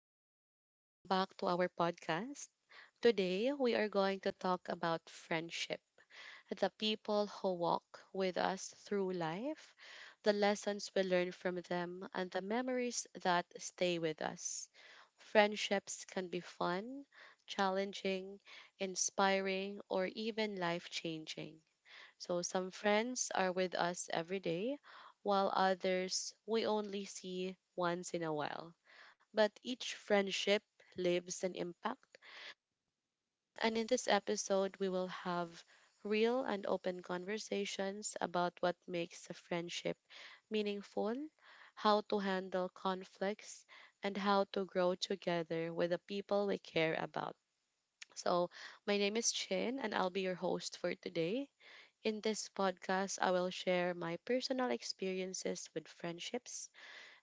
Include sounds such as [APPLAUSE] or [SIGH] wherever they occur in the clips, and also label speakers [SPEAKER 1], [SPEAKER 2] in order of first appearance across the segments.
[SPEAKER 1] everyone, and welcome back to our podcast. Today, we are going to talk about friendship, the people who walk with us through life, the lessons we learn from them, and the memories that stay with us. Friendships can be fun, challenging, inspiring, or even life changing. So, some friends are with us every day, while others we only see once in a while, but each friendship leaves an impact. And in this episode, we will have real and open conversations about what makes a friendship meaningful, how to handle conflicts, and how to grow together with the people we care about. So, my name is Chin, and I'll be your host for today. In this podcast, I will share my personal experiences with friendships,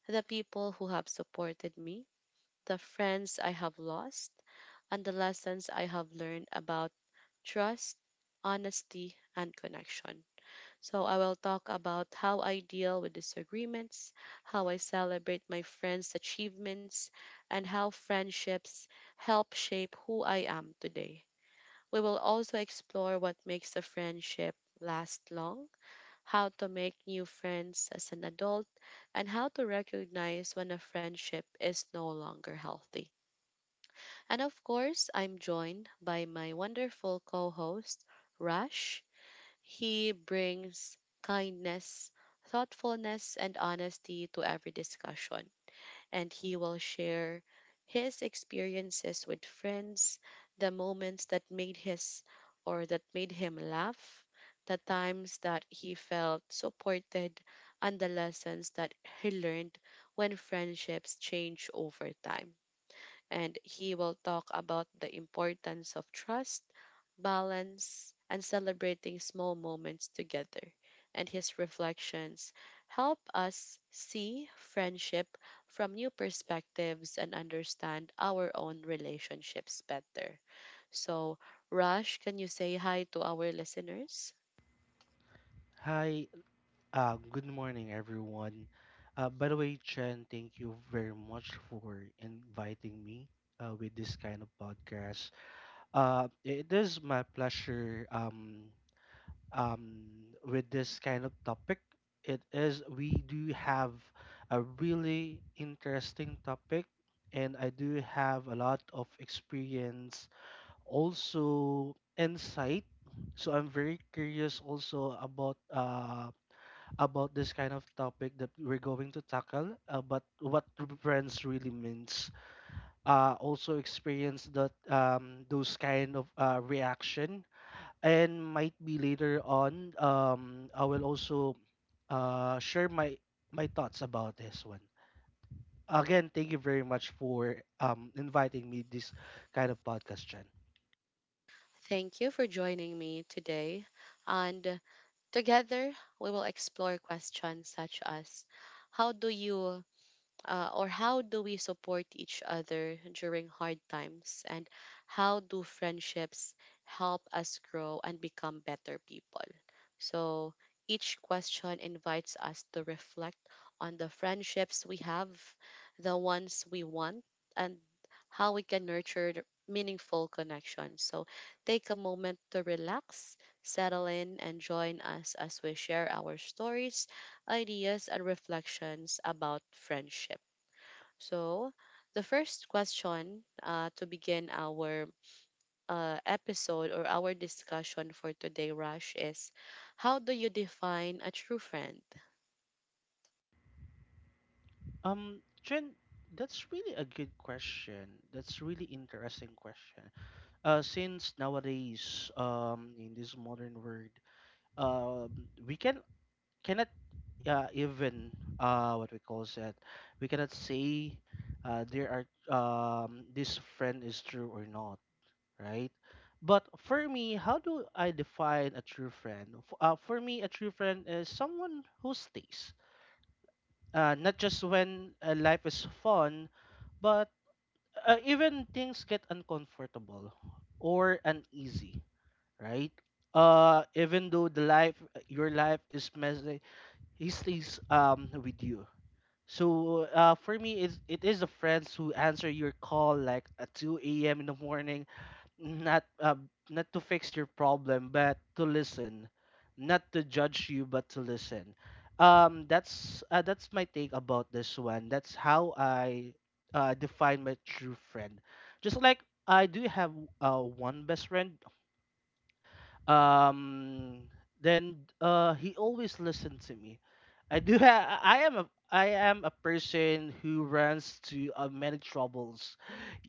[SPEAKER 1] the people who have supported me, the friends I have lost, and the lessons I have learned about trust, honesty, and connection. So, I will talk about how I deal with disagreements, how I celebrate my friends' achievements, and how friendships help shape who I am today. We will also explore what makes a friendship last long, how to make new friends as an adult, and how to recognize when a friendship is no longer healthy. And of course, I'm joined by my wonderful co host, Rush. He brings kindness, thoughtfulness, and honesty to every discussion. And he will share his experiences with friends, the moments that made him laugh, the times that he felt supported, and the lessons that he learned when friendships change over time, and he will talk about the importance of trust, balance, and celebrating small moments together. And his reflections help us see friendship from new perspectives and understand our own relationships better. So, Rush, can you say hi to our listeners?
[SPEAKER 2] Hi, good morning, everyone. By the way, Chen, thank you very much for inviting me with this kind of podcast. It is my pleasure um, with this kind of topic. It is, we do have a really interesting topic, and I do have a lot of experience, also insight. So I'm very curious also about this kind of topic that we're going to tackle about what friends really means. Also experience that those kind of reaction and might be later on I will also share my thoughts about this one. Again, thank you very much for inviting me this kind of podcast, Chen.
[SPEAKER 1] Thank you for joining me today. And together, we will explore questions such as: How do we support each other during hard times, and how do friendships help us grow and become better people? So each question invites us to reflect on the friendships we have, the ones we want, and how we can nurture the meaningful connections. So take a moment to relax, settle in, and join us as we share our stories, ideas, and reflections about friendship. So, the first question, to begin our episode or our discussion for today, Rush, is how do you define a true friend?
[SPEAKER 2] Chen, that's really a good question. That's really interesting question. Since nowadays in this modern world um we cannot even what we call that we cannot say there are this friend is true or not, right? But for me, how do I define a true friend? For me, a true friend is someone who stays, not just when life is fun, but even things get uncomfortable or uneasy, right? Even though your life is messy, he stays with you. So for me, it is the friends who answer your call like at 2 a.m. in the morning, not uh, not to fix your problem, but to listen, not to judge you, but to listen. That's my take about this one. That's how I define my true friend. Just like I do have one best friend, um then he always listened to me. I am a person who runs to many troubles,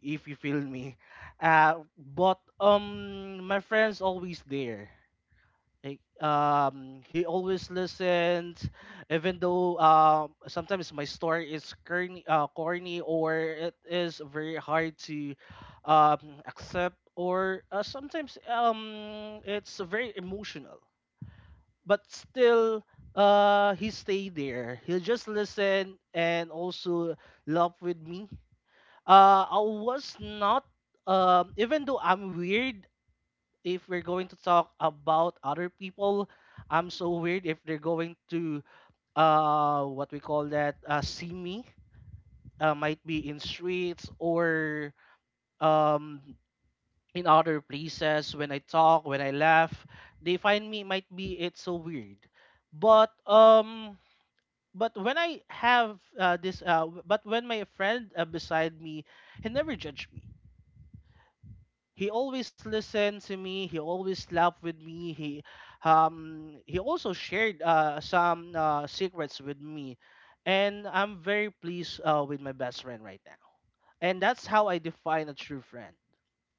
[SPEAKER 2] if you feel me. Uh but My friends always there. He always listens, even though sometimes my story is corny, corny or it is very hard to accept, or sometimes it's very emotional. But still, he stay there. He'll just listen and also laugh with me. I was not, Even though I'm weird, if we're going to talk about other people, I'm so weird. If they're going to what we call that see me, might be in streets or um in other places, when I talk, when I laugh, they find me might be it's so weird. But um but when my friend beside me, he never judged me. He always listened to me. He always laughed with me. He also shared some secrets with me, and I'm very pleased with my best friend right now. And that's how I define a true friend.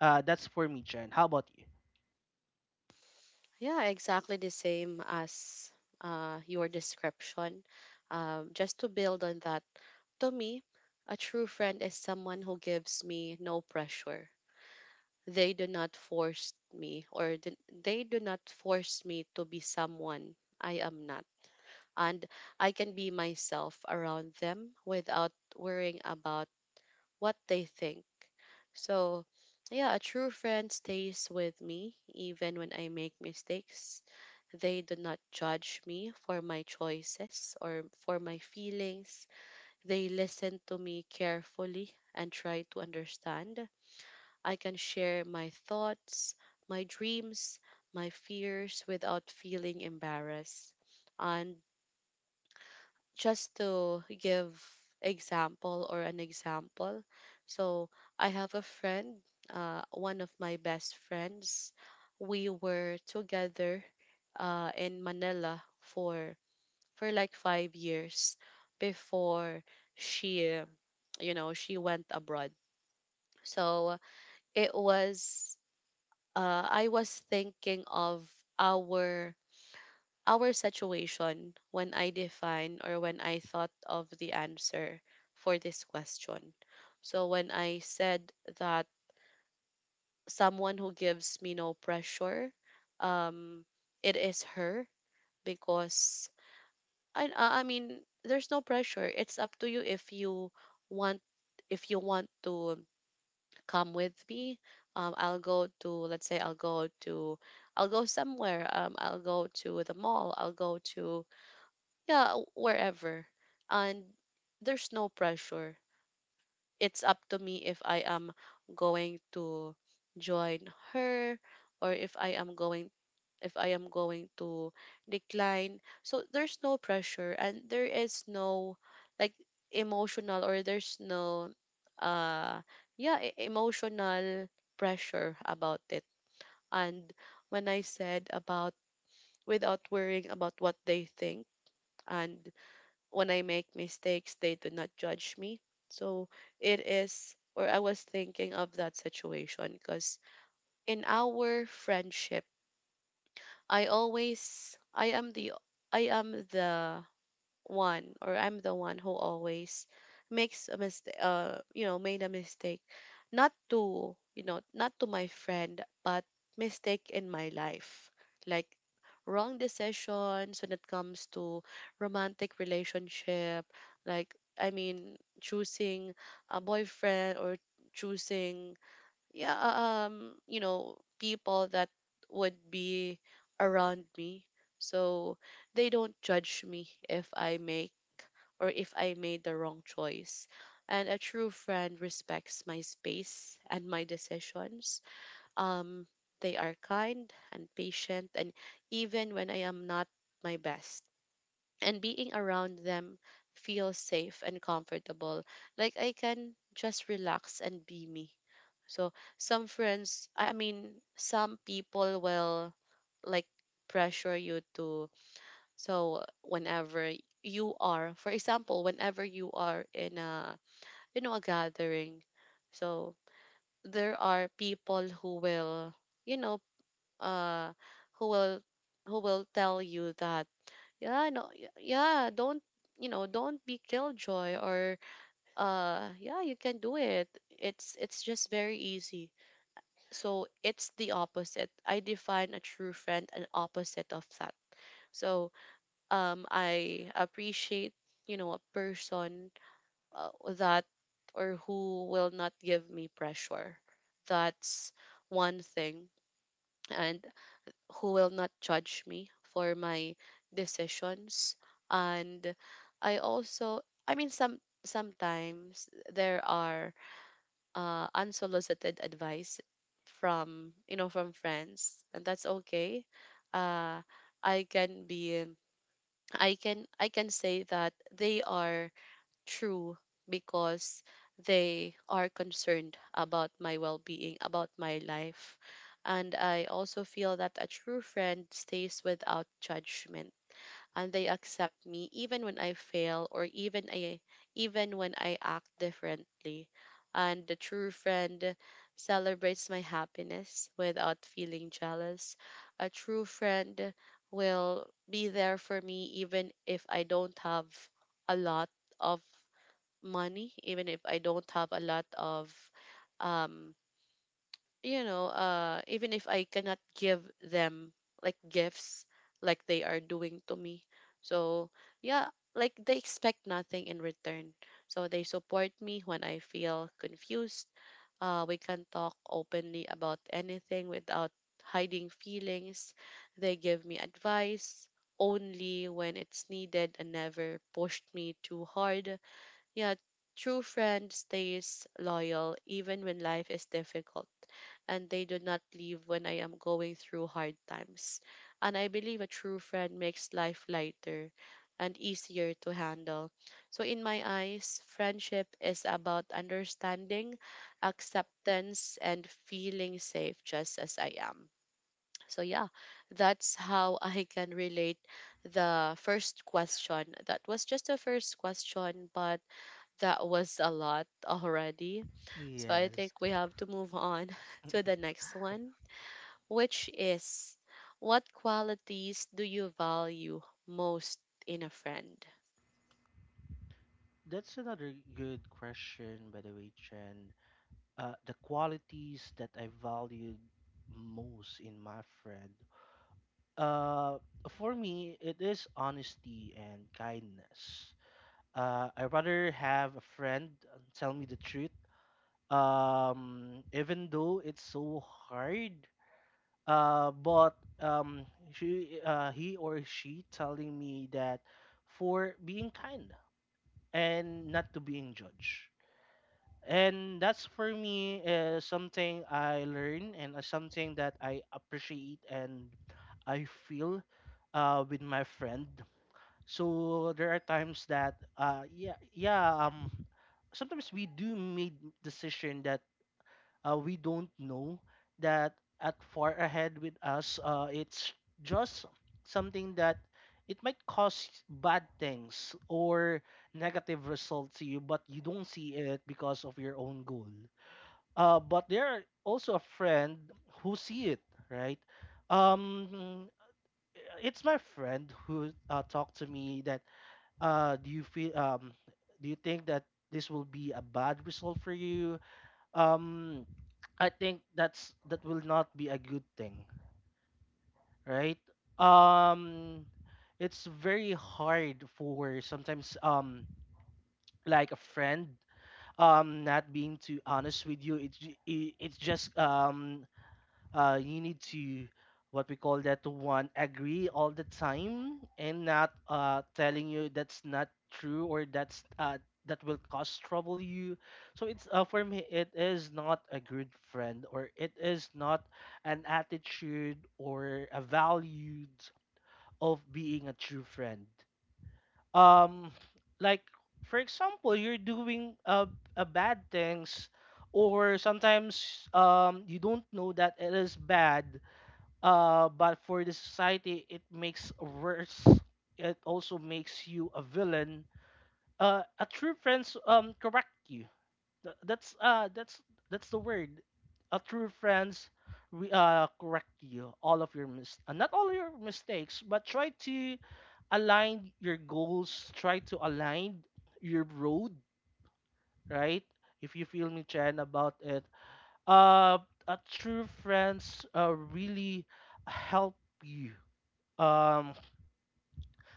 [SPEAKER 2] That's for me, Chen. How about you?
[SPEAKER 1] Yeah, exactly the same as your description. Just to build on that, to me, a true friend is someone who gives me no pressure. They do not force me, or they do not force me to be someone I am not, and I can be myself around them without worrying about what they think. So, yeah, a true friend stays with me even when I make mistakes. They do not judge me for my choices or for my feelings. They listen to me carefully and try to understand. I can share my thoughts, my dreams, my fears without feeling embarrassed. And just to give example or an example. So I have a friend, one of my best friends. We were together in Manila for like 5 years before she, you know, she went abroad. So it was, I was thinking of our our situation when I define or when I thought of the answer for this question. So when I said that someone who gives me no pressure, um, it is her because I mean there's no pressure. It's up to you if you want, if you want to come with me. I'll go to, let's say, I'll go somewhere. I'll go to the mall. I'll go to Yeah, wherever. And there's no pressure. It's up to me if I am going to join her, or if I am going, if I am going to decline. So there's no pressure, and there is no, like, emotional, or there's no, uh yeah, emotional pressure about it. And when I said about without worrying about what they think, and when I make mistakes, they do not judge me. So it is, or I was thinking of that situation because in our friendship, I always, I am the, I am the one, or I'm the one who always makes a mistake, you know, made a mistake, not to, you know, not to my friend, but mistake in my life, like wrong decisions when it comes to romantic relationship. Like, I mean, choosing a boyfriend or choosing, yeah, you know, people that would be around me. So they don't judge me if I make, or if I made the wrong choice. And a true friend respects my space and my decisions. Um, they are kind and patient, and even when I am not my best. And being around them feels safe and comfortable. Like, I can just relax and be me. So some friends, I mean, some people will, like, pressure you to. So whenever you are, for example, whenever you are in a, you know, a gathering, so there are people who will, you know, uh, who will, who will tell you that, yeah, no, yeah, don't, you know, don't be killjoy, or, yeah, you can do it. It's just very easy. So it's the opposite. I define a true friend an opposite of that. So I appreciate, you know, a person that or who will not give me pressure. That's one thing. And who will not judge me for my decisions. And I also, I mean, sometimes there are unsolicited advice from, you know, from friends, and that's okay. uh, I can be, I can say that they are true because they are concerned about my well-being, about my life. And I also feel that a true friend stays without judgment, and they accept me even when I fail, or even when I act differently. And the true friend celebrates my happiness without feeling jealous. A true friend will be there for me even if I don't have a lot of money, even if I don't have a lot of, um you know, even if I cannot give them, like, gifts like they are doing to me. So, yeah, like, they expect nothing in return. So they support me when I feel confused. We can talk openly about anything without hiding feelings. They give me advice only when it's needed and never pushed me too hard. Yeah, true friend stays loyal even when life is difficult, and they do not leave when I am going through hard times. And I believe a true friend makes life lighter and easier to handle. So, in my eyes, friendship is about understanding, acceptance, and feeling safe just as I am. So, yeah, that's how I can relate the first question. That was just the first question, but that was a lot already. So I
[SPEAKER 2] Yes,
[SPEAKER 1] think we have to move on [LAUGHS] to the next one, which is what qualities do you value most in a friend?
[SPEAKER 2] that's another good question, by the way, Chen. The qualities that I valued most in my friend, uh, for me, it is honesty and kindness. I rather have a friend tell me the truth, even though it's so hard. But She, he or she telling me that for being kind and not to being judged. And that's for me something I learn, and something that I appreciate and I feel with my friend. So there are times that yeah, yeah. Sometimes we do make decision that we don't know that at far ahead with us. It's just something that it might cause bad things or negative results to you, but you don't see it because of your own goal. But there are also a friend who see it, right? Um it's my friend who talked to me that, "Do you feel, do you think that this will be a bad result for you? Um, I think that's that will not be a good thing, right?" Um, it's very hard for sometimes like a friend not being too honest with you. It's just you need to what we call that one agree all the time and not telling you that's not true, or that's that will cause trouble you. So it's for me, it is not a good friend, or it is not an attitude or a values of being a true friend. um like, for example, you're doing a bad things, or sometimes you don't know that it is bad, but for the society it makes worse, it also makes you a villain. A true friends correct you. Th- that's uh that's that's the word. A true friends correct you all of your mis- not all your mistakes, but try to align your goals, try to align your road, right? If you feel me, Chen, about it. uh a true friends really help you, um,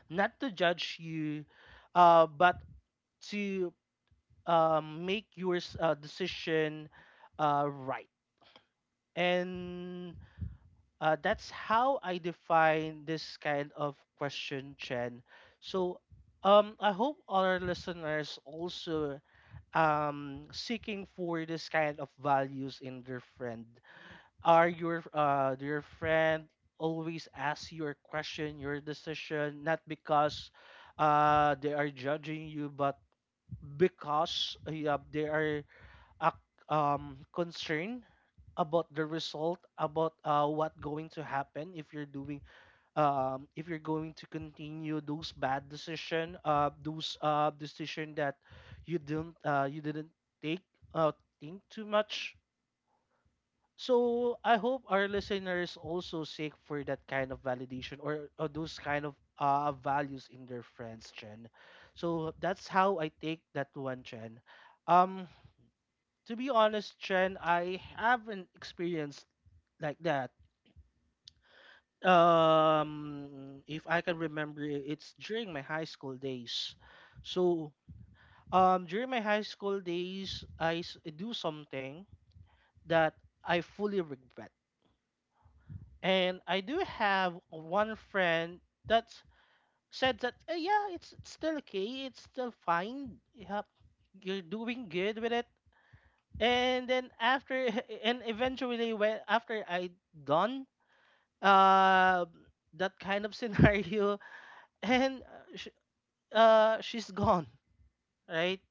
[SPEAKER 2] not to judge you, but to make your decision right. And that's how I define this kind of question, Chen. So I hope our listeners also seeking for this kind of values in their friend. Are your Do your friend always ask your question, your decision, not because they are judging you, but because yeah, they are ac concerned about the result, about what going to happen if you're doing, if you're going to continue those bad decision, those decision that you didn't take think too much. So I hope our listeners also seek for that kind of validation, or those kind of values in their friends, Chen. So that's how I take that one, Chen. Um, to be honest, Chen, I haven't experienced like that. If I can remember, it's during my high school days. So during my high school days, do something that I fully regret. And I do have one friend that said that, "Eh, yeah, it's still okay, it's still fine. Yep, you're doing good with it." And then after, [LAUGHS] and eventually, when after I done uh, that kind of scenario, [LAUGHS] and she's gone, right?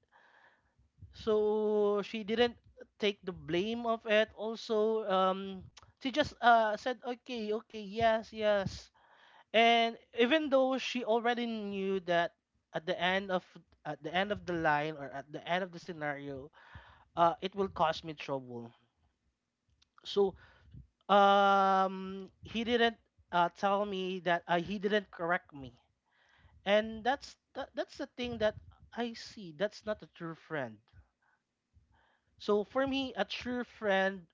[SPEAKER 2] So she didn't take the blame of it. Also, [TSK] she just said, okay, okay, yes, yes. And even though she already knew that at the end of at the end of the line, or at the end of the scenario, it will cause me trouble. So he didn't tell me that he didn't correct me, and that's the thing that I see. That's not a true friend. So for me, a true friend,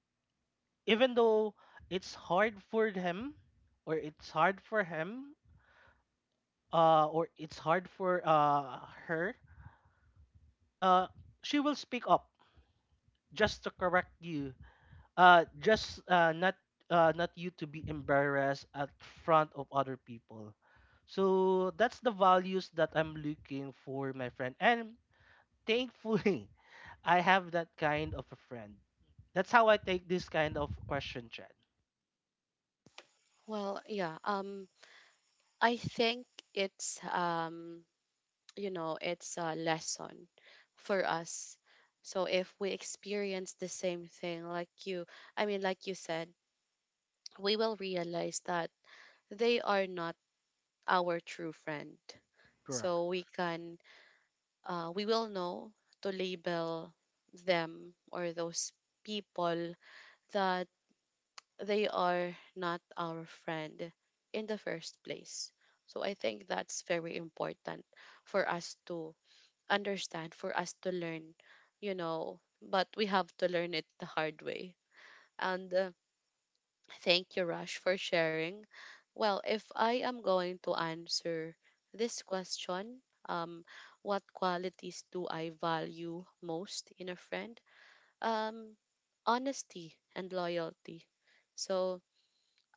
[SPEAKER 2] even though it's hard for him, or it's hard for him, or it's hard for her, uh, she will speak up just to correct you. Just Not not you to be embarrassed at front of other people. So that's the values that I'm looking for, my friend. And thankfully, [LAUGHS] I have that kind of a friend. That's how I take this kind of question, Chad.
[SPEAKER 1] Well, yeah, I think it's, you know, it's a lesson for us. So if we experience the same thing like you, I mean, like you said, we will realize that they are not our true friend.
[SPEAKER 2] Correct.
[SPEAKER 1] So we can, we will know to label them, or those people, that they are not our friend in the first place. So I think that's very important for us to understand, for us to learn, you know, but we have to learn it the hard way. And thank you, Rush, for sharing. Well, if I am going to answer this question, what qualities do I value most in a friend? Um, honesty and loyalty. So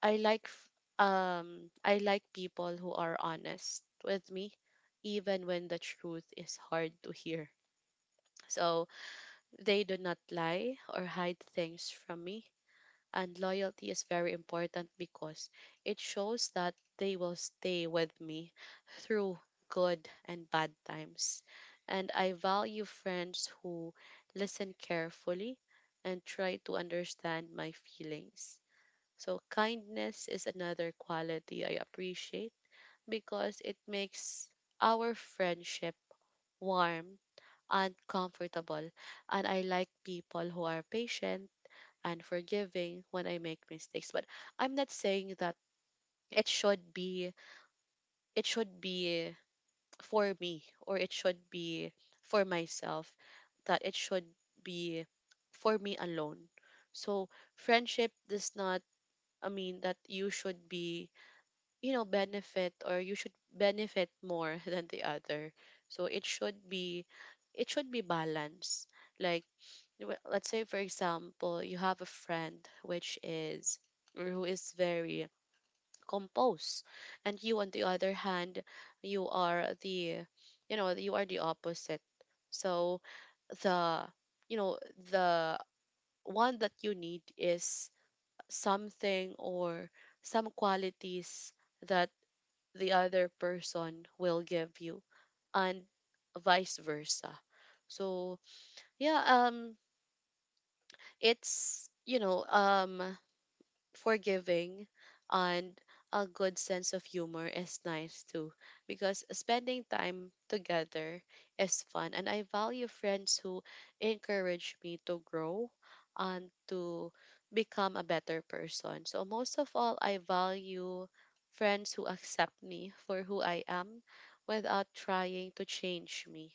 [SPEAKER 1] I like I like people who are honest with me, even when the truth is hard to hear. So they do not lie or hide things from me, and loyalty is very important because it shows that they will stay with me through good and bad times. And I value friends who listen carefully and try to understand my feelings. So, kindness is another quality I appreciate because it makes our friendship warm and comfortable. And I like people who are patient and forgiving when I make mistakes. But I'm not saying that it should be it should be for me, or it should be for myself, that it should be for me alone. So friendship does not, I mean, that you should be, you know, benefit, or you should benefit more [LAUGHS] than the other. So it should be, it should be balanced. Like let's say for example you have a friend which is or who is very composed, and you on the other hand, you are the opposite. So the you know the one that you need is something or some qualities that the other person will give you, and vice versa. So yeah um it's, you know, forgiving, and a good sense of humor is nice too, because spending time together is fun, and I value friends who encourage me to grow and to become a better person. So most of all, I value friends who accept me for who I am without trying to change me.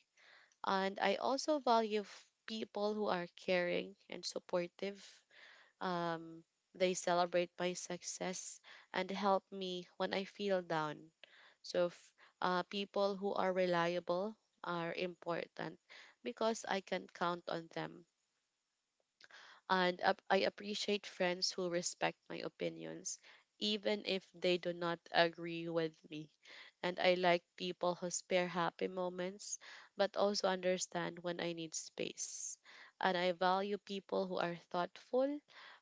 [SPEAKER 1] And I also value people who are caring and supportive. um, they celebrate my success and help me when I feel down. So people who are reliable are important because I can count on them. And I appreciate friends who respect my opinions, even if they do not agree with me. And I like people who spare happy moments, but also understand when I need space. And I value people who are thoughtful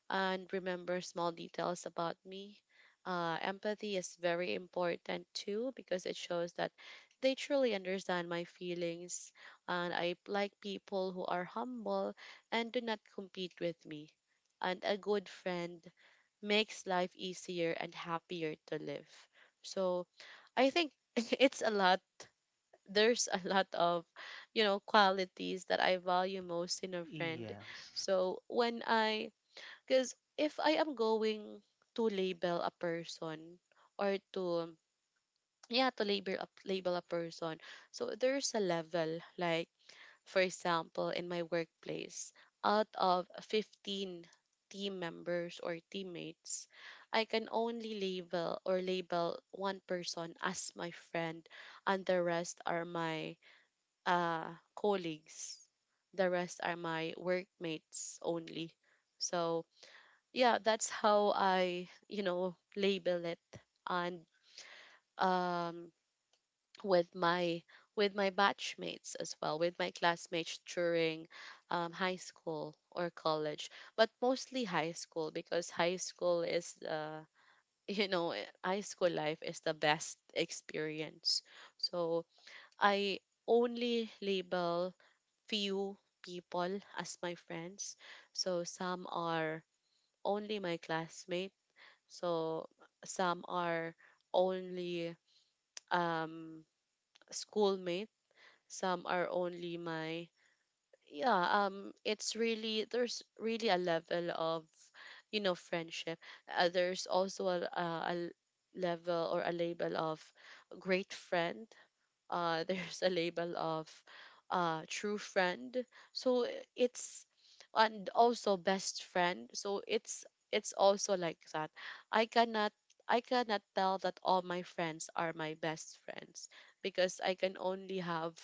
[SPEAKER 1] and remember small details about me. Empathy is very important too because it shows that they truly understand my feelings. And I like people who are humble and do not compete with me. And a good friend makes life easier and happier to live. So I think [LAUGHS] it's a lot. There's a lot of, qualities that I value most in a friend.
[SPEAKER 2] Yes.
[SPEAKER 1] So when I, because if I am going to label a person or to label a person, so there's a level. Like for example, in my workplace, out of 15 team members or teammates, I can only label one person as my friend, and the rest are my colleagues. The rest are my workmates only. So, yeah, that's how I, label it. And um with my batchmates as well, with my classmates during high school or college, but mostly high school, because high school is [LAUGHS] high school life is the best experience. So I only label few people as my friends. So some are only my classmate. So some are only um schoolmates, some are only my, yeah, it's really, there's really a level of, friendship. There's also a level or a label of great friend. [LAUGHS] There's a label of true friend. So it's, and also best friend. So it's also like that. I cannot I cannot tell that all my friends are my best friends, because I can only have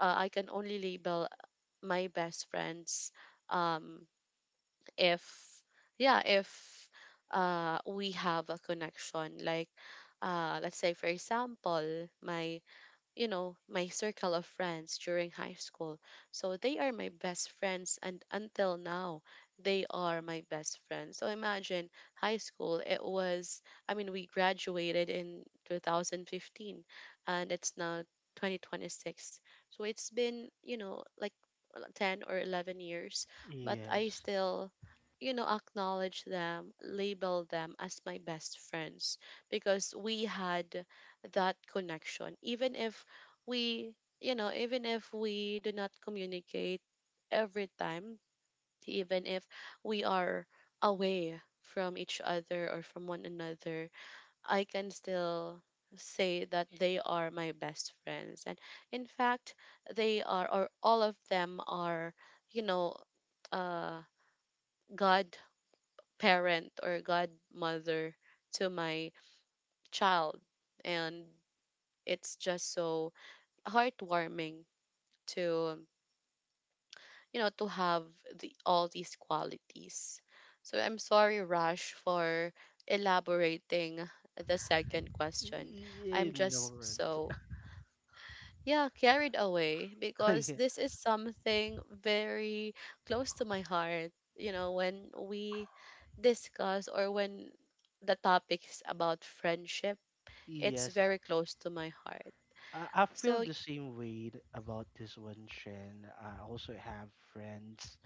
[SPEAKER 1] I can only label my best friends um if, yeah if we have a connection. Like let's say for example my, my circle of friends during high school. So they are my best friends, and until now they are my best friends. So imagine, high school, it was, I mean, we graduated in 2015 and it's now 2026. So it's been, you know, like 10 or 11 years, but I
[SPEAKER 2] Yes.
[SPEAKER 1] still, you know, acknowledge them, label them as my best friends, because we had that connection. Even if even if we do not communicate every time, even if we are away from each other or from one another, I can still say that they are my best friends. And in fact, they are, or all of them are, you know, uh, God parent or godmother to my child. And it's just so heartwarming to, to have the all these qualities. So I'm sorry, Rash, for elaborating the second question. I'm
[SPEAKER 2] No
[SPEAKER 1] just
[SPEAKER 2] words.
[SPEAKER 1] so, yeah, carried away because
[SPEAKER 2] [LAUGHS]
[SPEAKER 1] this is something very close to my heart. You know, when we discuss, or when the topics about friendship, it's
[SPEAKER 2] Yes.
[SPEAKER 1] very close to my heart.
[SPEAKER 2] I feel
[SPEAKER 1] So,
[SPEAKER 2] the same way about this one, Shen. I also have friends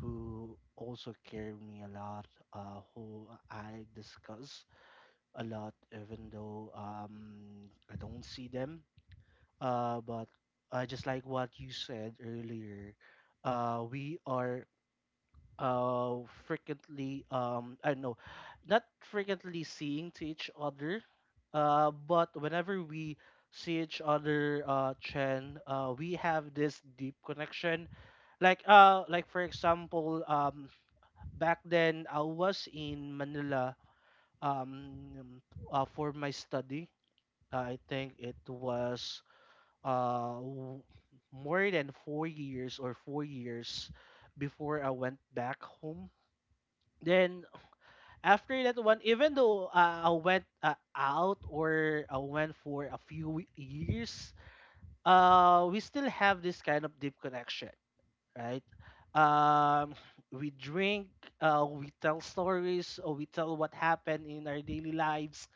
[SPEAKER 2] who also care me a lot, who I discuss a lot, even though I don't see them. But Just like what you said earlier, we are uh frequently I know not frequently seeing to each other. But whenever we see each other, Chen, we have this deep connection. Like for example, back then I was in Manila, um for my study. I think it was uh w- more than 4 years or 4 years before I went back home. Then after that one, even though I went out or I went for a few years, we still have this kind of deep connection, right? Um, we drink, we tell stories, or we tell what happened in our daily lives.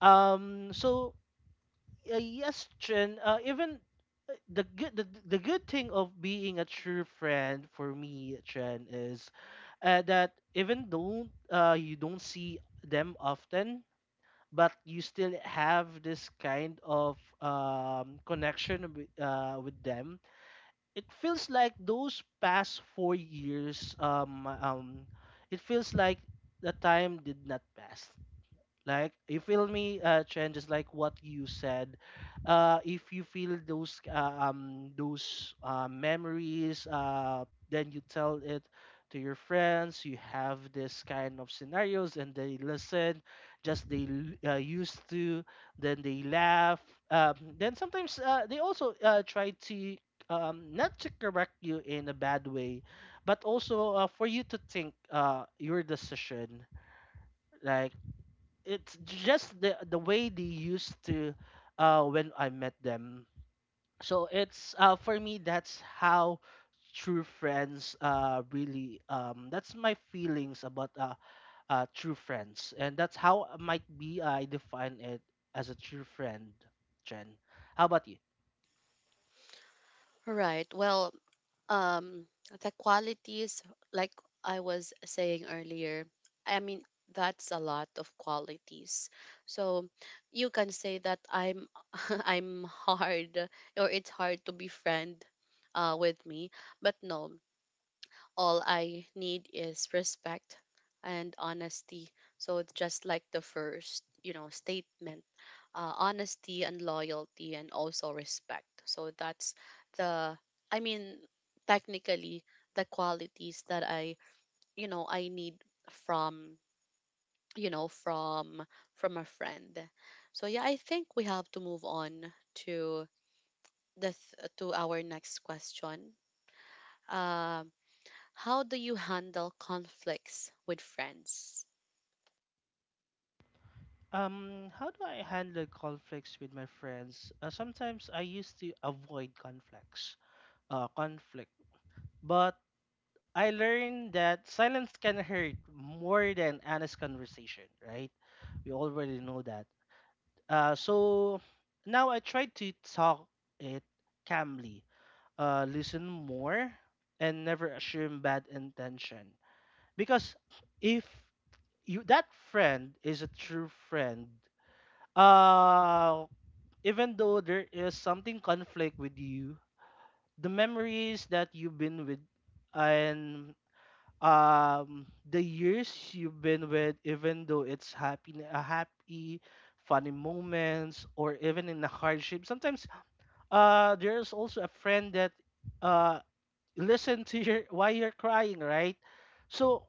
[SPEAKER 2] Um, so yes, Chen. Even the the good thing of being a true friend for me, Chen, is that even though you don't see them often, but you still have this kind of connection with them. It feels like those past 4 years, it feels like the time did not pass. Like, if feel me trend, just like what you said, if you feel those memories, then you tell it to your friends, you have this kind of scenarios and they listen, just they used to, then they laugh. Then sometimes they also try to not to correct you in a bad way, but also for you to think your decision. Like it's just the way they used to when I met them. So it's for me that's how true friends really that's my feelings about true friends, and that's how might be I define it as a true friend, Jen. How about you?
[SPEAKER 1] right. Well, um the qualities, like I was saying earlier, I mean, that's a lot of qualities, so you can say that I'm [LAUGHS] I'm hard, or it's hard to be friend with me. But no, all I need is respect and honesty. So it's just like the first, you know, statement, honesty and loyalty and also respect. So that's the, I mean, technically the qualities that I, you know, I need from, from from a friend. So yeah, I think we have to move on to our next question. Um, how do you handle conflicts with friends?
[SPEAKER 2] How do I handle conflicts with my friends? Sometimes I used to avoid conflicts, uh, conflict, but I learned that silence can hurt more than honest conversation, right? We already know that. So now I try to talk it calmly, listen more, and never assume bad intention. Because if you that friend is a true friend, uh, even though there is something conflict with you, the memories that you've been with and the years you've been with, even though it's happy funny moments or even in the hardship, sometimes there's also a friend that uh listen to your why you're crying, right? So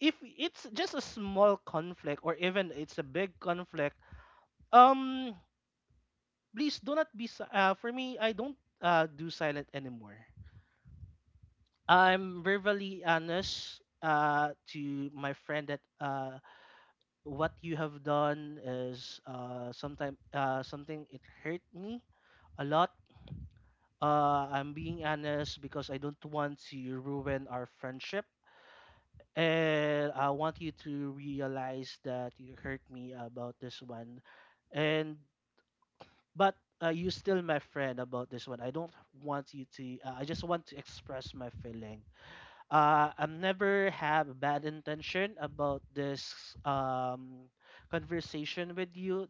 [SPEAKER 2] if it's just a small conflict or even it's a big conflict, um please do not be for me I don't do silent anymore. I'm verbally honest to my friend that what you have done is sometime something, it hurt me a lot. I'm being honest because I don't want to ruin our friendship, and I want you to realize that you hurt me about this one. And but you still my friend. About this one, I don't want you to I just want to express my feeling. I never have bad intention about this conversation with you.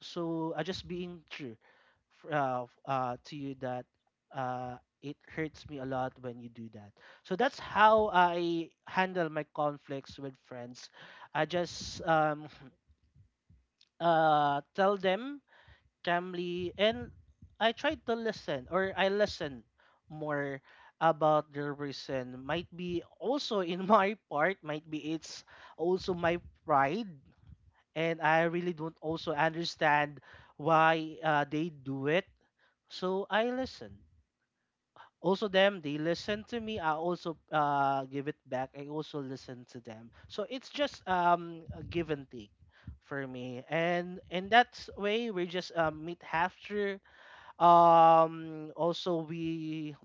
[SPEAKER 2] So I just being to you that uh, it hurts me a lot when you do that. So that's how I handle my conflicts with friends. I just [LAUGHS] [SNIFFS] tell them calmly, and I try to listen, or I listen more about their reason. Might be also in [LAUGHS] my part, might be it's also my pride, and I really don't also understand why they do it. So I listen. Also them, they listen to me. I also give it back. I also listen to them. So it's just a give and take for me. And in that way, we just meet after. Also we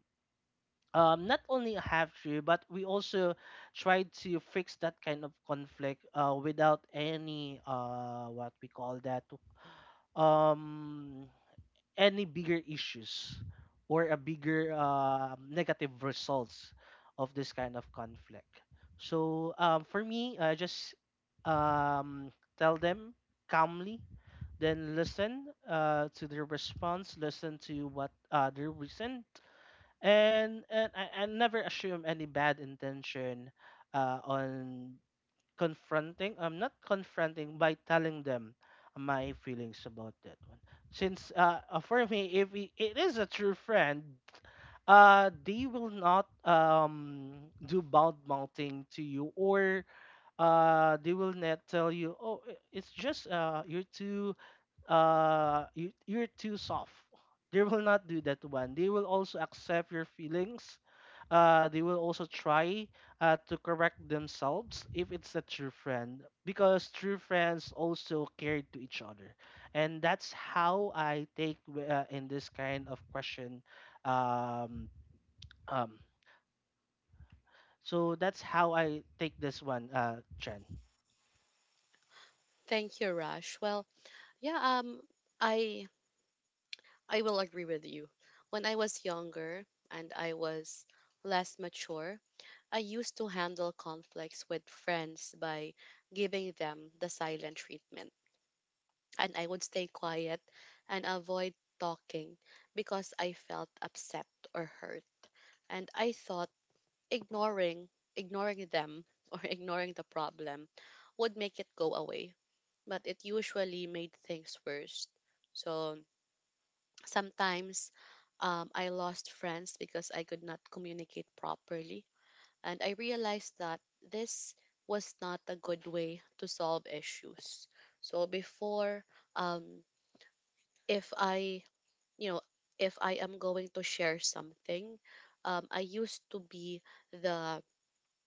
[SPEAKER 2] not only after, but we also try to fix that kind of conflict without any what we call that um any bigger issues or a bigger negative results of this kind of conflict. So for me, just um, tell them calmly, then listen to their response, listen to what their reason. And I never assume any bad intention on confronting. I'm not confronting by telling them my feelings about that one, since for me if it is a true friend, they will not do bad mouthing to you, or they will not tell you, oh, it's just you're too you're too soft. They will not do that one. They will also accept your feelings. They will also try to correct themselves if it's a true friend, because true friends also care to each other. And that's how I take in this kind of question. um um so that's how I take this one, Chen.
[SPEAKER 1] Thank you, Rush. Well, yeah, I I will agree with you. When I was younger and I was less mature, I used to handle conflicts with friends by giving them the silent treatment, and I would stay quiet and avoid talking because I felt upset or hurt. And I thought ignoring ignoring them [LAUGHS] or ignoring the problem would make it go away, but it usually made things worse. So sometimes, I lost friends because I could not communicate properly, and I realized that this was not a good way to solve issues. So before, um, if I, you know if I am going to share something, I used to be the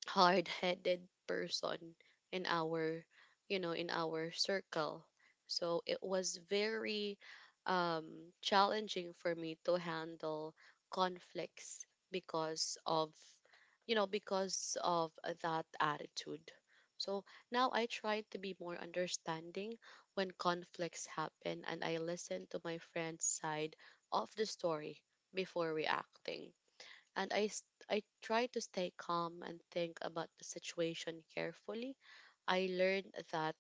[SPEAKER 1] hard-headed person in our, in our circle. So it was very challenging for me to handle conflicts, because of, because of that attitude. So now I try to be more understanding when conflicts happen, and I listen to my friend's side of the story before reacting. And I try to stay calm and think about the situation carefully. I learned that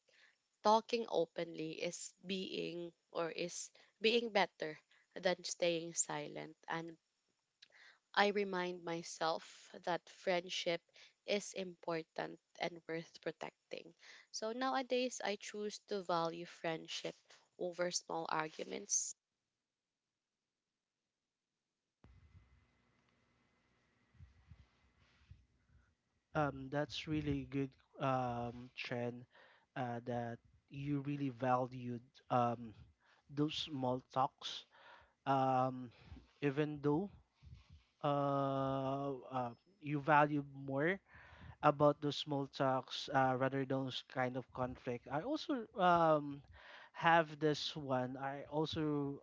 [SPEAKER 1] talking openly is being or is being better than staying silent, and I remind myself that friendship is important and worth protecting. So nowadays I choose to value friendship over small arguments.
[SPEAKER 2] That's really good, trend, that you really valued um, those small talks. Um, Even though uh, uh, you value more about those small talks rather than those kind of conflict. I also have this one. I also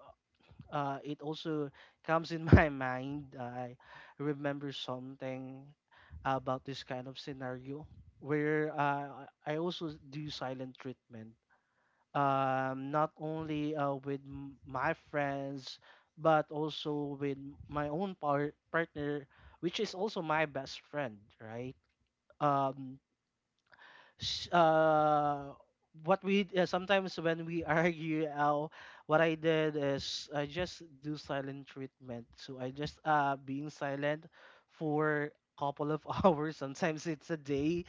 [SPEAKER 2] it also comes in my [LAUGHS] mind. I remember something about this kind of scenario where I also do silent treatment, not only with my friends, but also with my own partner, which is also my best friend, right? Um, sh- uh what we sometimes when we [LAUGHS] argue, what I did is I just do silent treatment. So I just being silent for couple of [LAUGHS] hours, sometimes it's a day,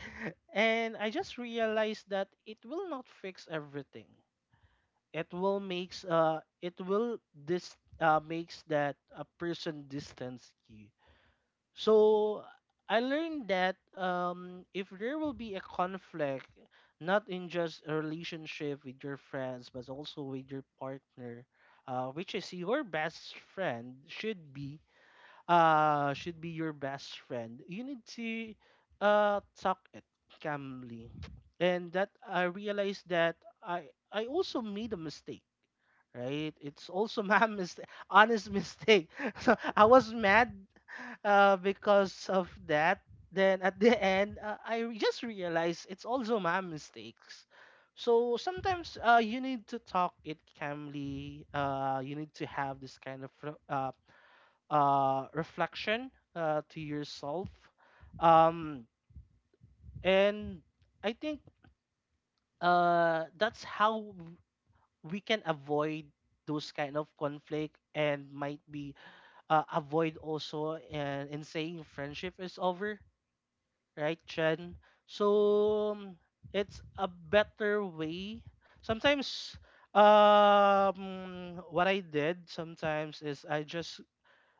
[SPEAKER 2] and I just realized that it will not fix everything. It will makes uh it will this uh makes that a person distance you. So I learned that if there will be a conflict, not in just a relationship with your friends, but also with your partner, which is your best friend, should be your best friend. You need to talk it calmly, and that I realized that I also made a mistake. Right, it's also my [LAUGHS] mistake, honest mistake. [LAUGHS] So I was mad because of that. Then at the end, I just realized it's also my mistakes. So sometimes you need to talk it calmly. You need to have this kind of reflection to yourself. Um, and I think that's how we can avoid those kind of conflict, and might be avoid also in saying friendship is over, right, Chen? So it's a better way sometimes. What I did sometimes is I just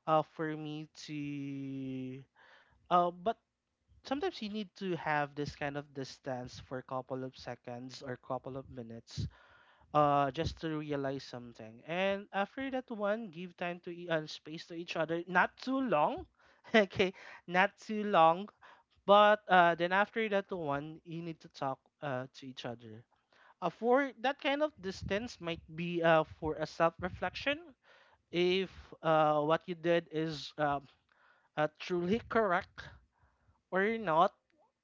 [SPEAKER 2] for me to but sometimes you need to have this kind of distance for a couple of seconds or couple of minutes, just to realize something, and after that one give time to and space to each other, not too long [LAUGHS] okay, not too long. But then after that one, you need to talk to each other. For that kind of distance might be for a self-reflection if what you did is truly correct or not,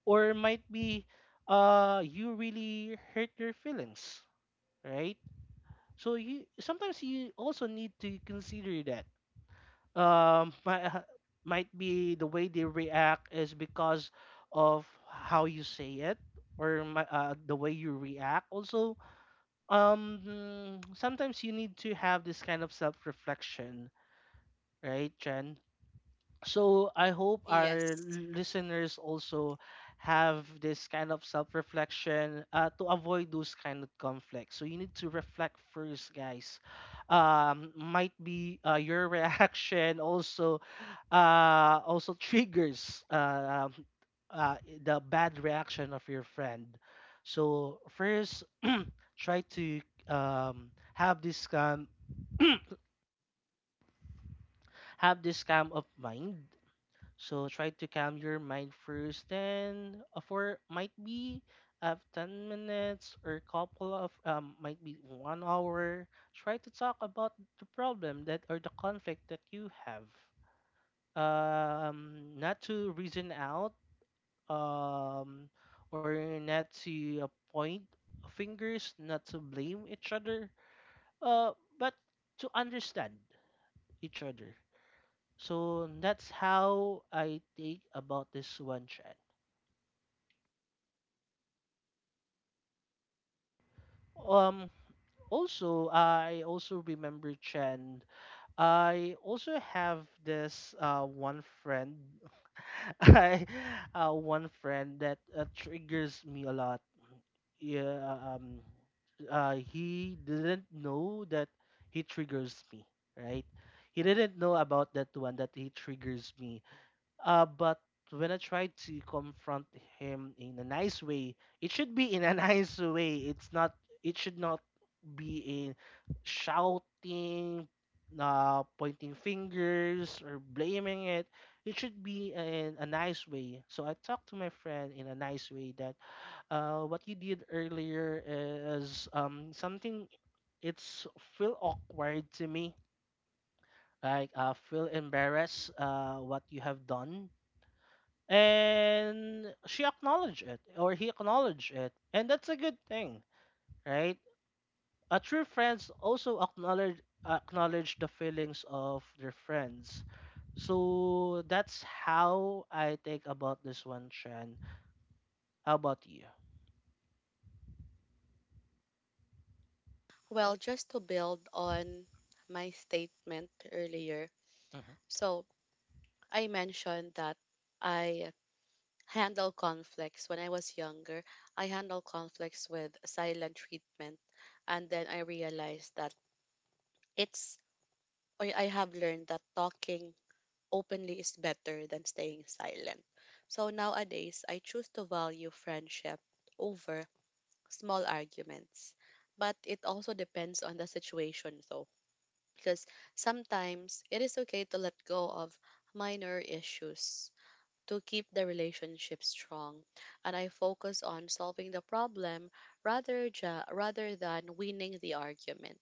[SPEAKER 2] or might be you really hurt your feelings, right? So you sometimes you also need to consider that um might, might be the way they react is because of how you say it or the way you react also um hmm, sometimes you need to have this kind of self reflection, right, Chen? So I hope our
[SPEAKER 1] Yes.
[SPEAKER 2] listeners also have this kind of self-reflection to avoid those kind of conflicts. So you need to reflect first, guys. Might be your [LAUGHS] reaction also also triggers uh, the bad reaction of your friend. So first, try to have this calm [CLEARS THROAT] have this calm of mind. So try to calm your mind first. Then for might be 10 minutes or couple of might be 1 hour. Try to talk about the problem that or the conflict that you have. Not to reason out, um, or not to point fingers, not to blame each other, uh, but to understand each other. So that's how I think about this one, Chan. Um, Also, I also remember Chen. I also have this one friend, [LAUGHS] I one friend that triggers me a lot. Yeah, he didn't know that he triggers me, right? He didn't know about that one that he triggers me. But when I tried to confront him in a nice way, it should be in a [LAUGHS] nice way. It's not. It should not be in shouting, pointing fingers or blaming it. It should be in a nice way. So I talked to my friend in a nice way that what you did earlier is something. It's feel awkward to me. Like feel embarrassed. What you have done, and she acknowledged it, or he acknowledged it, and that's a good thing, right? A true friends also acknowledge acknowledge the feelings of their friends. So that's how I think about this one, Shan. How about you?
[SPEAKER 1] Well, just to build on my statement earlier.
[SPEAKER 2] Mhm.
[SPEAKER 1] So I mentioned that I handle conflicts when I was younger. I handle conflicts with silent treatment. And then I realized that it's, or I have learned that talking openly is better than staying silent. So nowadays, I choose to value friendship over small arguments. But it also depends on the situation, though, because sometimes it is okay to let go of minor issues to keep the relationship strong. And I focus on solving the problem rather than winning the argument.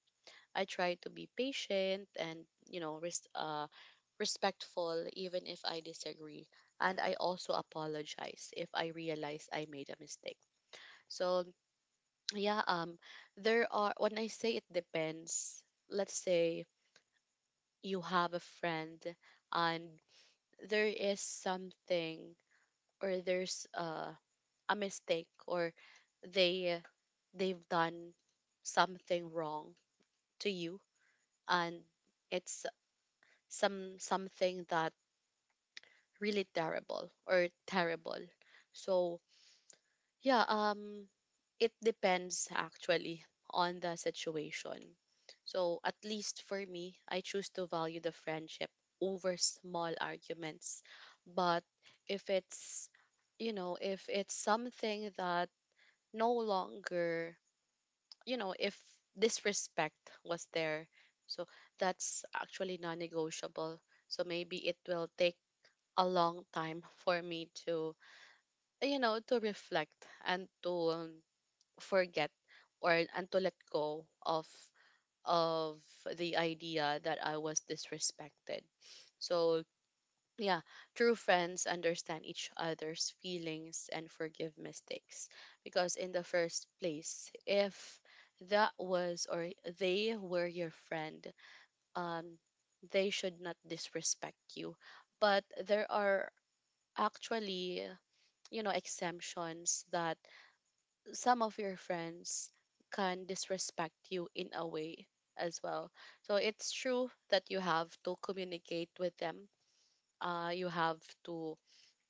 [SPEAKER 1] I try to be patient and, you know, respectful even if I disagree. And I also apologize if I realize I made a mistake. So, yeah, there are, when I say it depends, let's say you have a friend, and there is something, or there's a mistake, or they, they've done something wrong to you, and it's some something that really terrible or terrible. So yeah, it depends actually on the situation. So at least for me, I choose to value the friendship over small arguments. But if it's, if it's something that no longer, you know, if this respect was there, so that's actually non negotiable. So maybe it will take a long time for me to, to reflect and to forget, or and to let go of of the idea that I was disrespected. So yeah, true friends understand each other's feelings and forgive mistakes. Because, in the first place, if that was, or they were your friend, um, they should not disrespect you. But there are actually, you know, exemptions that some of your friends can disrespect you in a way as well. So, it's true that you have to communicate with them. You have to,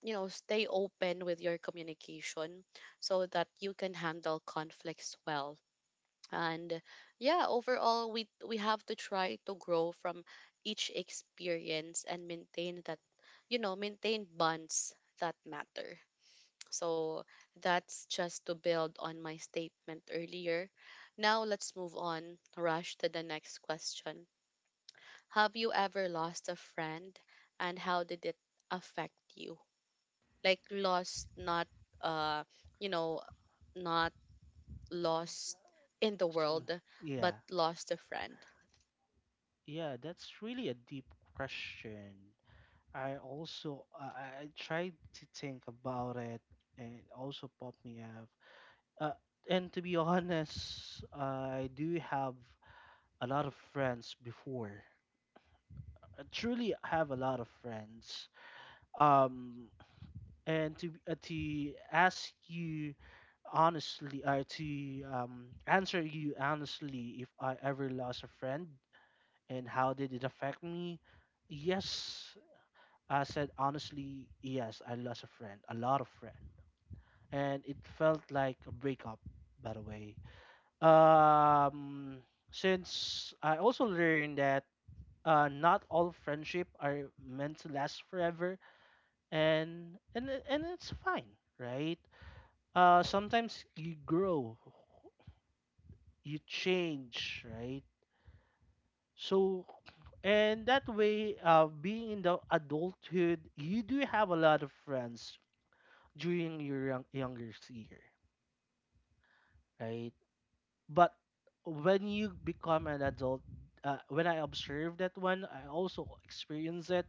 [SPEAKER 1] stay open with your communication, so that you can handle conflicts well. And yeah, overall we have to try to grow from each experience and maintain that, maintain bonds that matter. So that's just to build on my statement earlier. Now let's move on, Rush, to the next question. Have you ever lost a friend, and how did it affect you? Like lost, not uh you know not lost in the
[SPEAKER 2] So,
[SPEAKER 1] world, but
[SPEAKER 2] yeah,
[SPEAKER 1] lost a friend.
[SPEAKER 2] yeah, that's really a deep question. I also I tried to think about it, and it also popped me up. Uh, and to be honest, I do have a lot of friends before. I truly have a lot of friends. Um, and to ask you honestly, to answer you honestly, if I ever lost a friend and how did it affect me? Yes, I said honestly, yes, I lost a friend, a lot of friend, and it felt like a breakup, by the way. Um, since I also learned that not all friendship are meant to last forever, and it's fine, right? Sometimes you grow, you change, right? So, and that way, being in the adulthood, you do have a lot of friends during your younger year, right? But when you become an adult, when I observed that one, I also experienced it.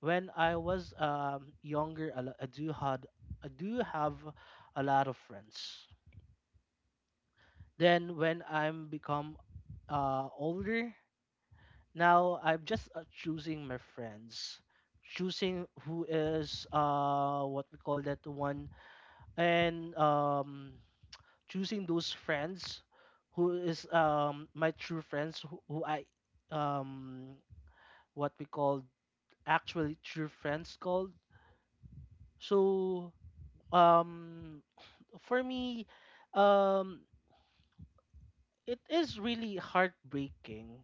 [SPEAKER 2] When I was younger, I, l- I do had I do have a lot of friends. Then when I'm become older, now I'm just choosing my friends, choosing who is what we call that one. And choosing those friends who is my true friends, who I, um what we called, actually true friends called. So, um for me, um it is really heartbreaking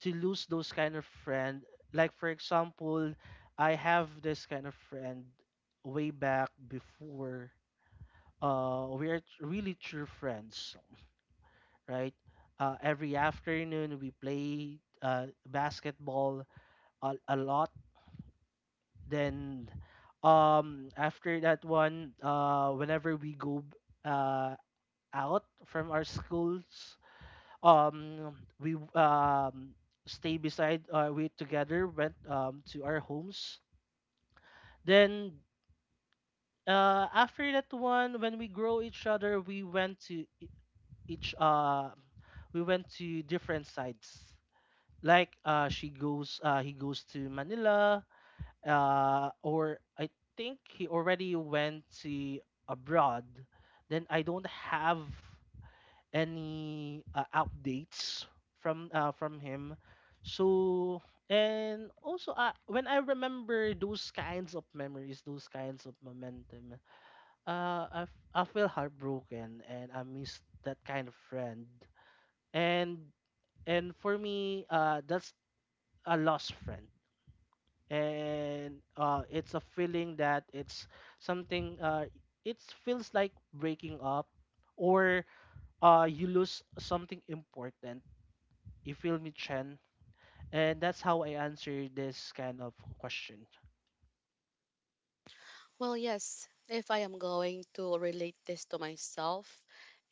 [SPEAKER 2] to lose those kind of friend. Like for example, I have this kind of friend way back before. We are really true friends, right? Every afternoon we play basketball a lot. Then, after that one, whenever we uh, out from our schools, um, we w- um, stay beside, we together went to our homes. Then, after that one, when we grow each other, we went to each, we went to different sides, like she goes he goes to Manila, or I think he already went to abroad. Then I don't have any updates from him, so. And also, when I remember those kinds of memories, those kinds of momentum, I feel heartbroken and I miss that kind of friend. And and for me, that's a lost friend. And it's a feeling that it's something, it feels like breaking up, or you lose something important. You feel me, Chen? And that's how I answer this kind of question.
[SPEAKER 1] Well, yes, if I am going to relate this to myself,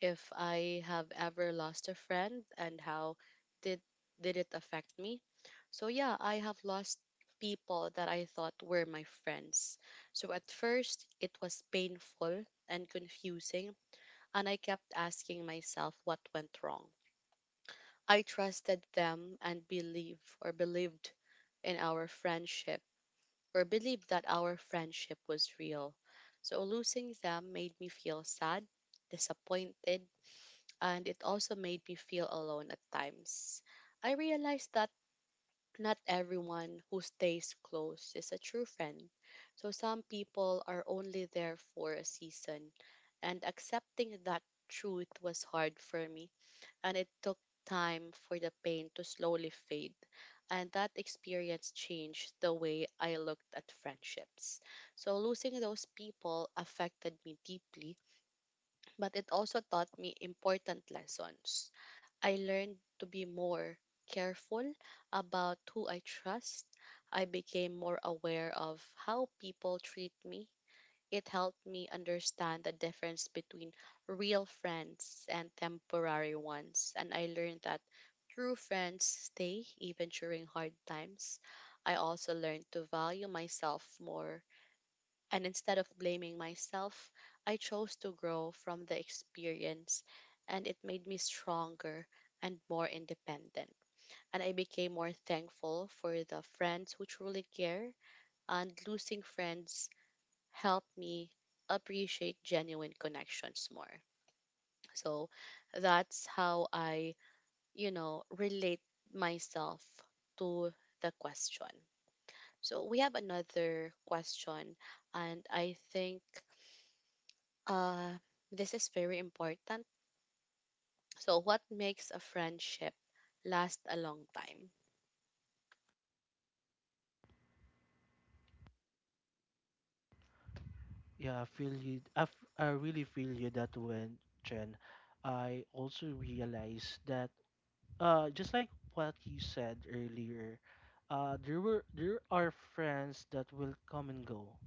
[SPEAKER 1] if I have ever lost a friend and how did did it affect me. So yeah, I have lost people that I thought were my friends. So at first it was painful and confusing, and I kept asking myself what went wrong. I trusted them and believed in our friendship, or believed that our friendship was real. So losing them made me feel sad, disappointed, and it also made me feel alone at times. I realized that not everyone who stays close is a true friend. So some people are only there for a season, and accepting that truth was hard for me, and it took time for the pain to slowly fade. And that experience changed the way I looked at friendships. So losing those people affected me deeply, but it also taught me important lessons. I learned to be more careful about who I trust. I became more aware of how people treat me. It helped me understand the difference between real friends and temporary ones, and I learned that true friends stay even during hard times. I also learned to value myself more, and instead of blaming myself, I chose to grow from the experience, and it made me stronger and more independent. And I became more thankful for the friends who truly care, and losing friends helped me appreciate genuine connections more. So that's how I, relate myself to the question. So we have another question, and I think uh, this is very important. So, what makes a friendship last a long time?
[SPEAKER 2] Yeah, I feel you. I really feel you, that when, Chen, I also realize that, just like what you said earlier, there are friends that will come and go,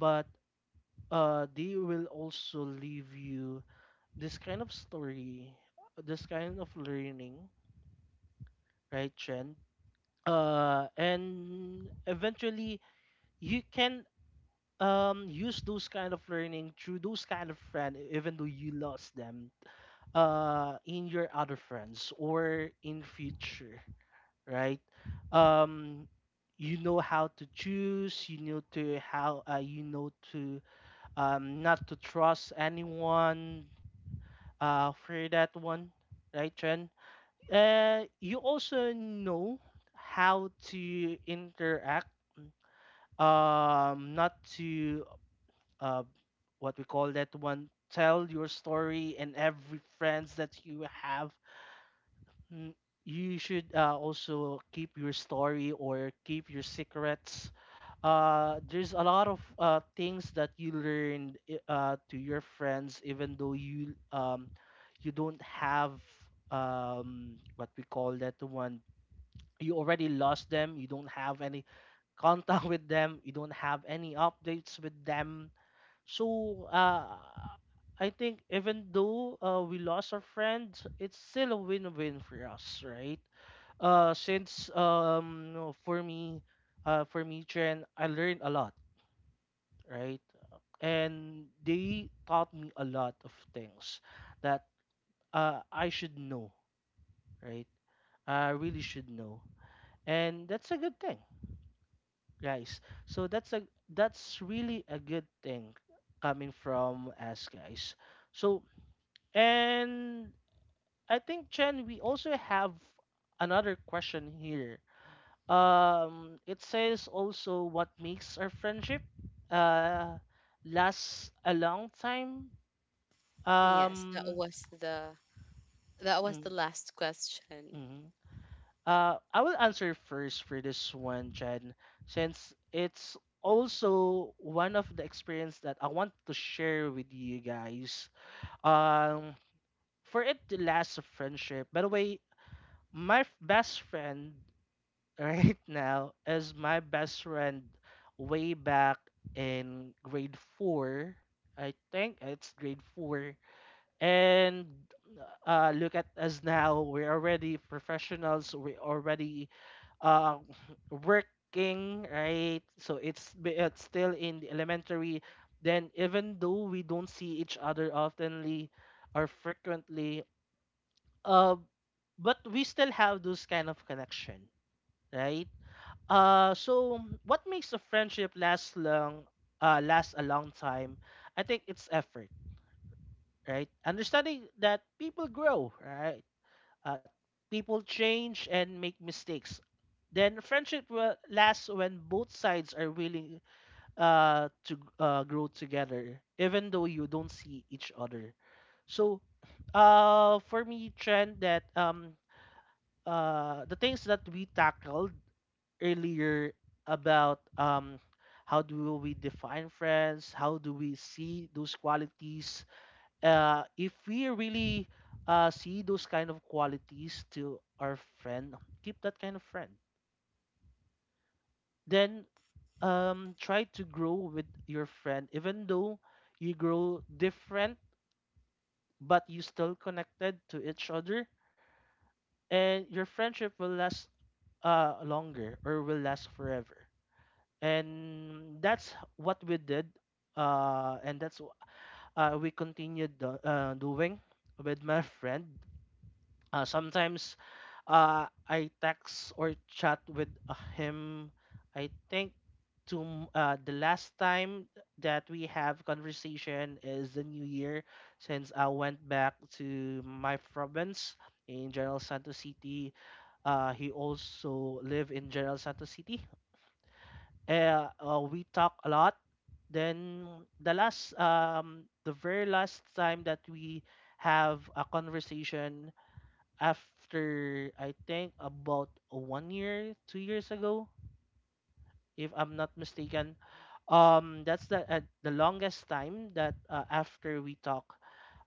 [SPEAKER 2] but they will also leave you this kind of story, this kind of learning, right, Chen? And eventually you can use those kind of learning through those kind of friend, even though you lost them, in your other friends or in future, right? um you know how to choose, you know to how, you know to, not to trust anyone, for that one, right, Chen? You also know how to interact, not to, uh, what we call that one, tell your story and every friends that you have. Mm. You should also keep your story or keep your secrets. There's a lot of things that you learned to your friends, even though you, you don't have, what we call that one, you already lost them. You don't have any contact [LAUGHS] with them, you don't have any updates with them, so, I think even though, we lost our friends, it's still a win-win for us, right? Since, for me, Chen, I learned a lot, right? And they taught me a lot of things that, I should know, right? I really should know, and that's a good thing, guys. So that's really a good thing coming from us, guys. So, and I think, Chen, we also have another question here. It says also, what makes our friendship uh last a long time.
[SPEAKER 1] Yes,
[SPEAKER 2] Um,
[SPEAKER 1] that was the
[SPEAKER 2] Mm,
[SPEAKER 1] last question.
[SPEAKER 2] mhm. I will answer first for this one, Chen, since it's also one of the experience that I want to share with you guys. Um, for it to last a friendship. By the way, best friend [LAUGHS] right now is my best friend way back in grade four. I think it's grade four. And look at us now, we're already professionals, we already uh, [LAUGHS] working, right? So, it's still in the elementary. Then even though we don't see each other oftenly or frequently, uh, but we still have those kind of connection, right? So what makes a friendship last a long time? I think it's effort, right? Understanding that people grow, right? Uh, People change and make mistakes. Then friendship will last when both sides are willing, to, grow together, even though you don't see each other. So, for me, trend that, the things that we tackled earlier about, how do we define friends, how do we see those qualities, if we really, see those kind of qualities to our friend, keep that kind of friend. Then, try to grow with your friend, even though you grow different, but you still connected to each other, and your friendship will last, longer or will last forever. And that's what we did, and we doing with my [LAUGHS] friend. Sometimes, I text or chat with, him. I think the last time that we have conversation is the new year, since I went back to my province in General Santos City. He also live in General Santos City. We talk a lot. Then the very last time that we have a conversation, after I think about 1 year, 2 years ago, if I'm not mistaken. That's the, the longest time that, after we talk,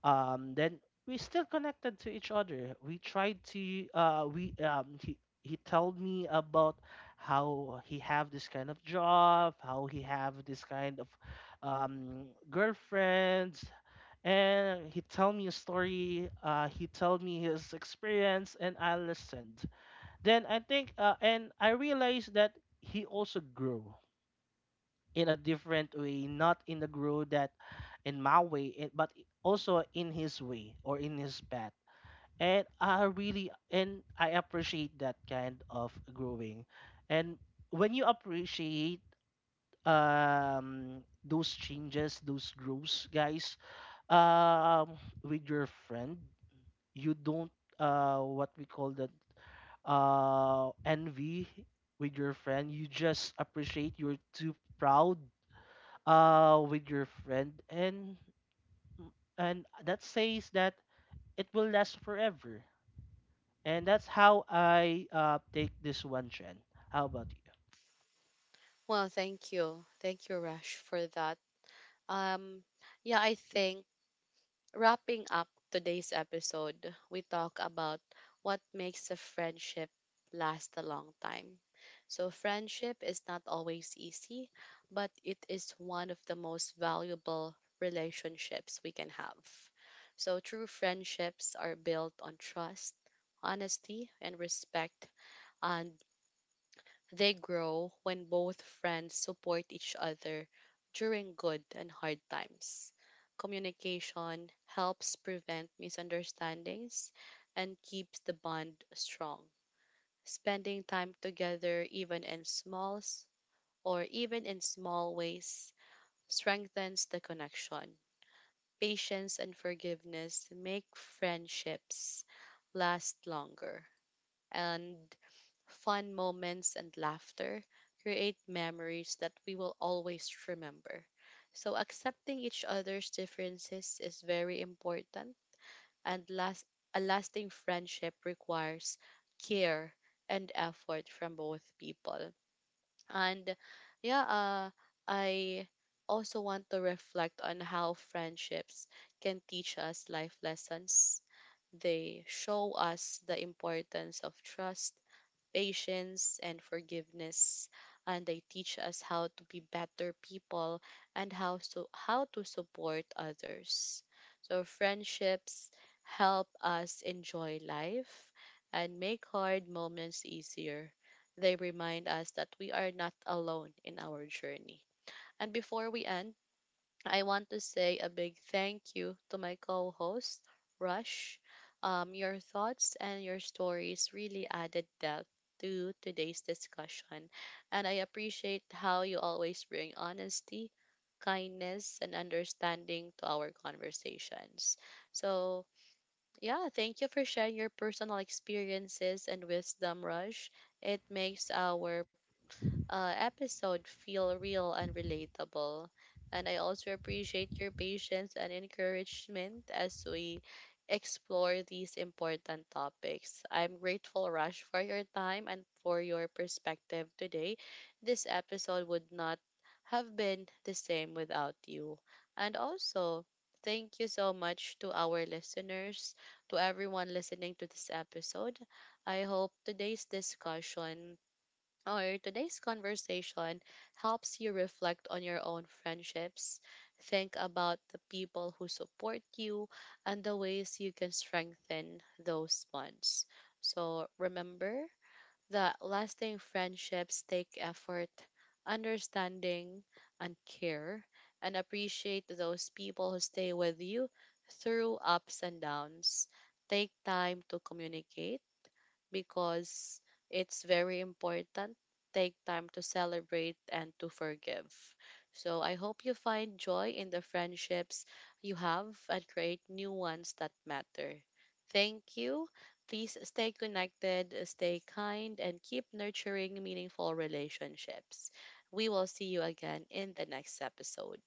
[SPEAKER 2] then we still connected to each other. We tried to, we he told me about how he have this kind of job, how he have this kind of girlfriends, and he tell me a story he told me his experience and I listened. Then I think, and I realized that he also grew in a different way, not in the grow that in my way, it, but also in his way or in his path. And I appreciate that kind of growing. And when you appreciate those changes, those growths, guys, um with your friend, you don't, what we call that, envy with your friend. You just appreciate, you're too proud with your friend, and that says that it will last forever. And that's how I take this one, trend. How about you?
[SPEAKER 1] Well, thank you, Rush, for that. Um, yeah, I think wrapping up today's episode, we talk about what makes a friendship last a long time. So, friendship is not always easy, but it is one of the most valuable relationships we can have. So, true friendships are built on trust, honesty, and respect. And they grow when both friends support each other during good and hard times. Communication helps prevent misunderstandings and keeps the bond strong. Spending time together even in small or even in small ways strengthens the connection. Patience and forgiveness make friendships last longer, and fun moments and laughter create memories that we will always remember. So accepting each other's differences is very important, and last a lasting friendship requires care and effort from both people. And yeah, I also want to reflect on how friendships can teach us life lessons. They show us the importance of trust, patience, and forgiveness. And they teach us how to be better people and how to support others. So, friendships help us enjoy life and make hard moments easier. They remind us that we are not alone in our journey. And before we end, I want to say a big thank you to my co host, Rush. Your thoughts and your stories really added depth to today's discussion, and I appreciate how you always bring honesty, kindness, and understanding to our conversations. So, yeah, thank you for sharing your personal experiences and wisdom, Rush. It makes our episode feel real and relatable. And I also appreciate your patience and encouragement as we explore these important topics. I'm grateful, Rush, for your time and for your perspective today. This episode would not have been the same without you. And also, thank you so much to our listeners, to everyone listening to this episode. I hope today's discussion or today's conversation helps you reflect on your own friendships, think about the people who support you, and the ways you can strengthen those bonds. So remember that lasting friendships take effort, understanding, and care, and appreciate those people who stay with you through ups and downs. Take time to communicate because it's very important. Take time to celebrate and to forgive. So I hope you find joy in the friendships you have and create new ones that matter. Thank you. Please stay connected, stay kind, and keep nurturing meaningful relationships. We will see you again in the next episode.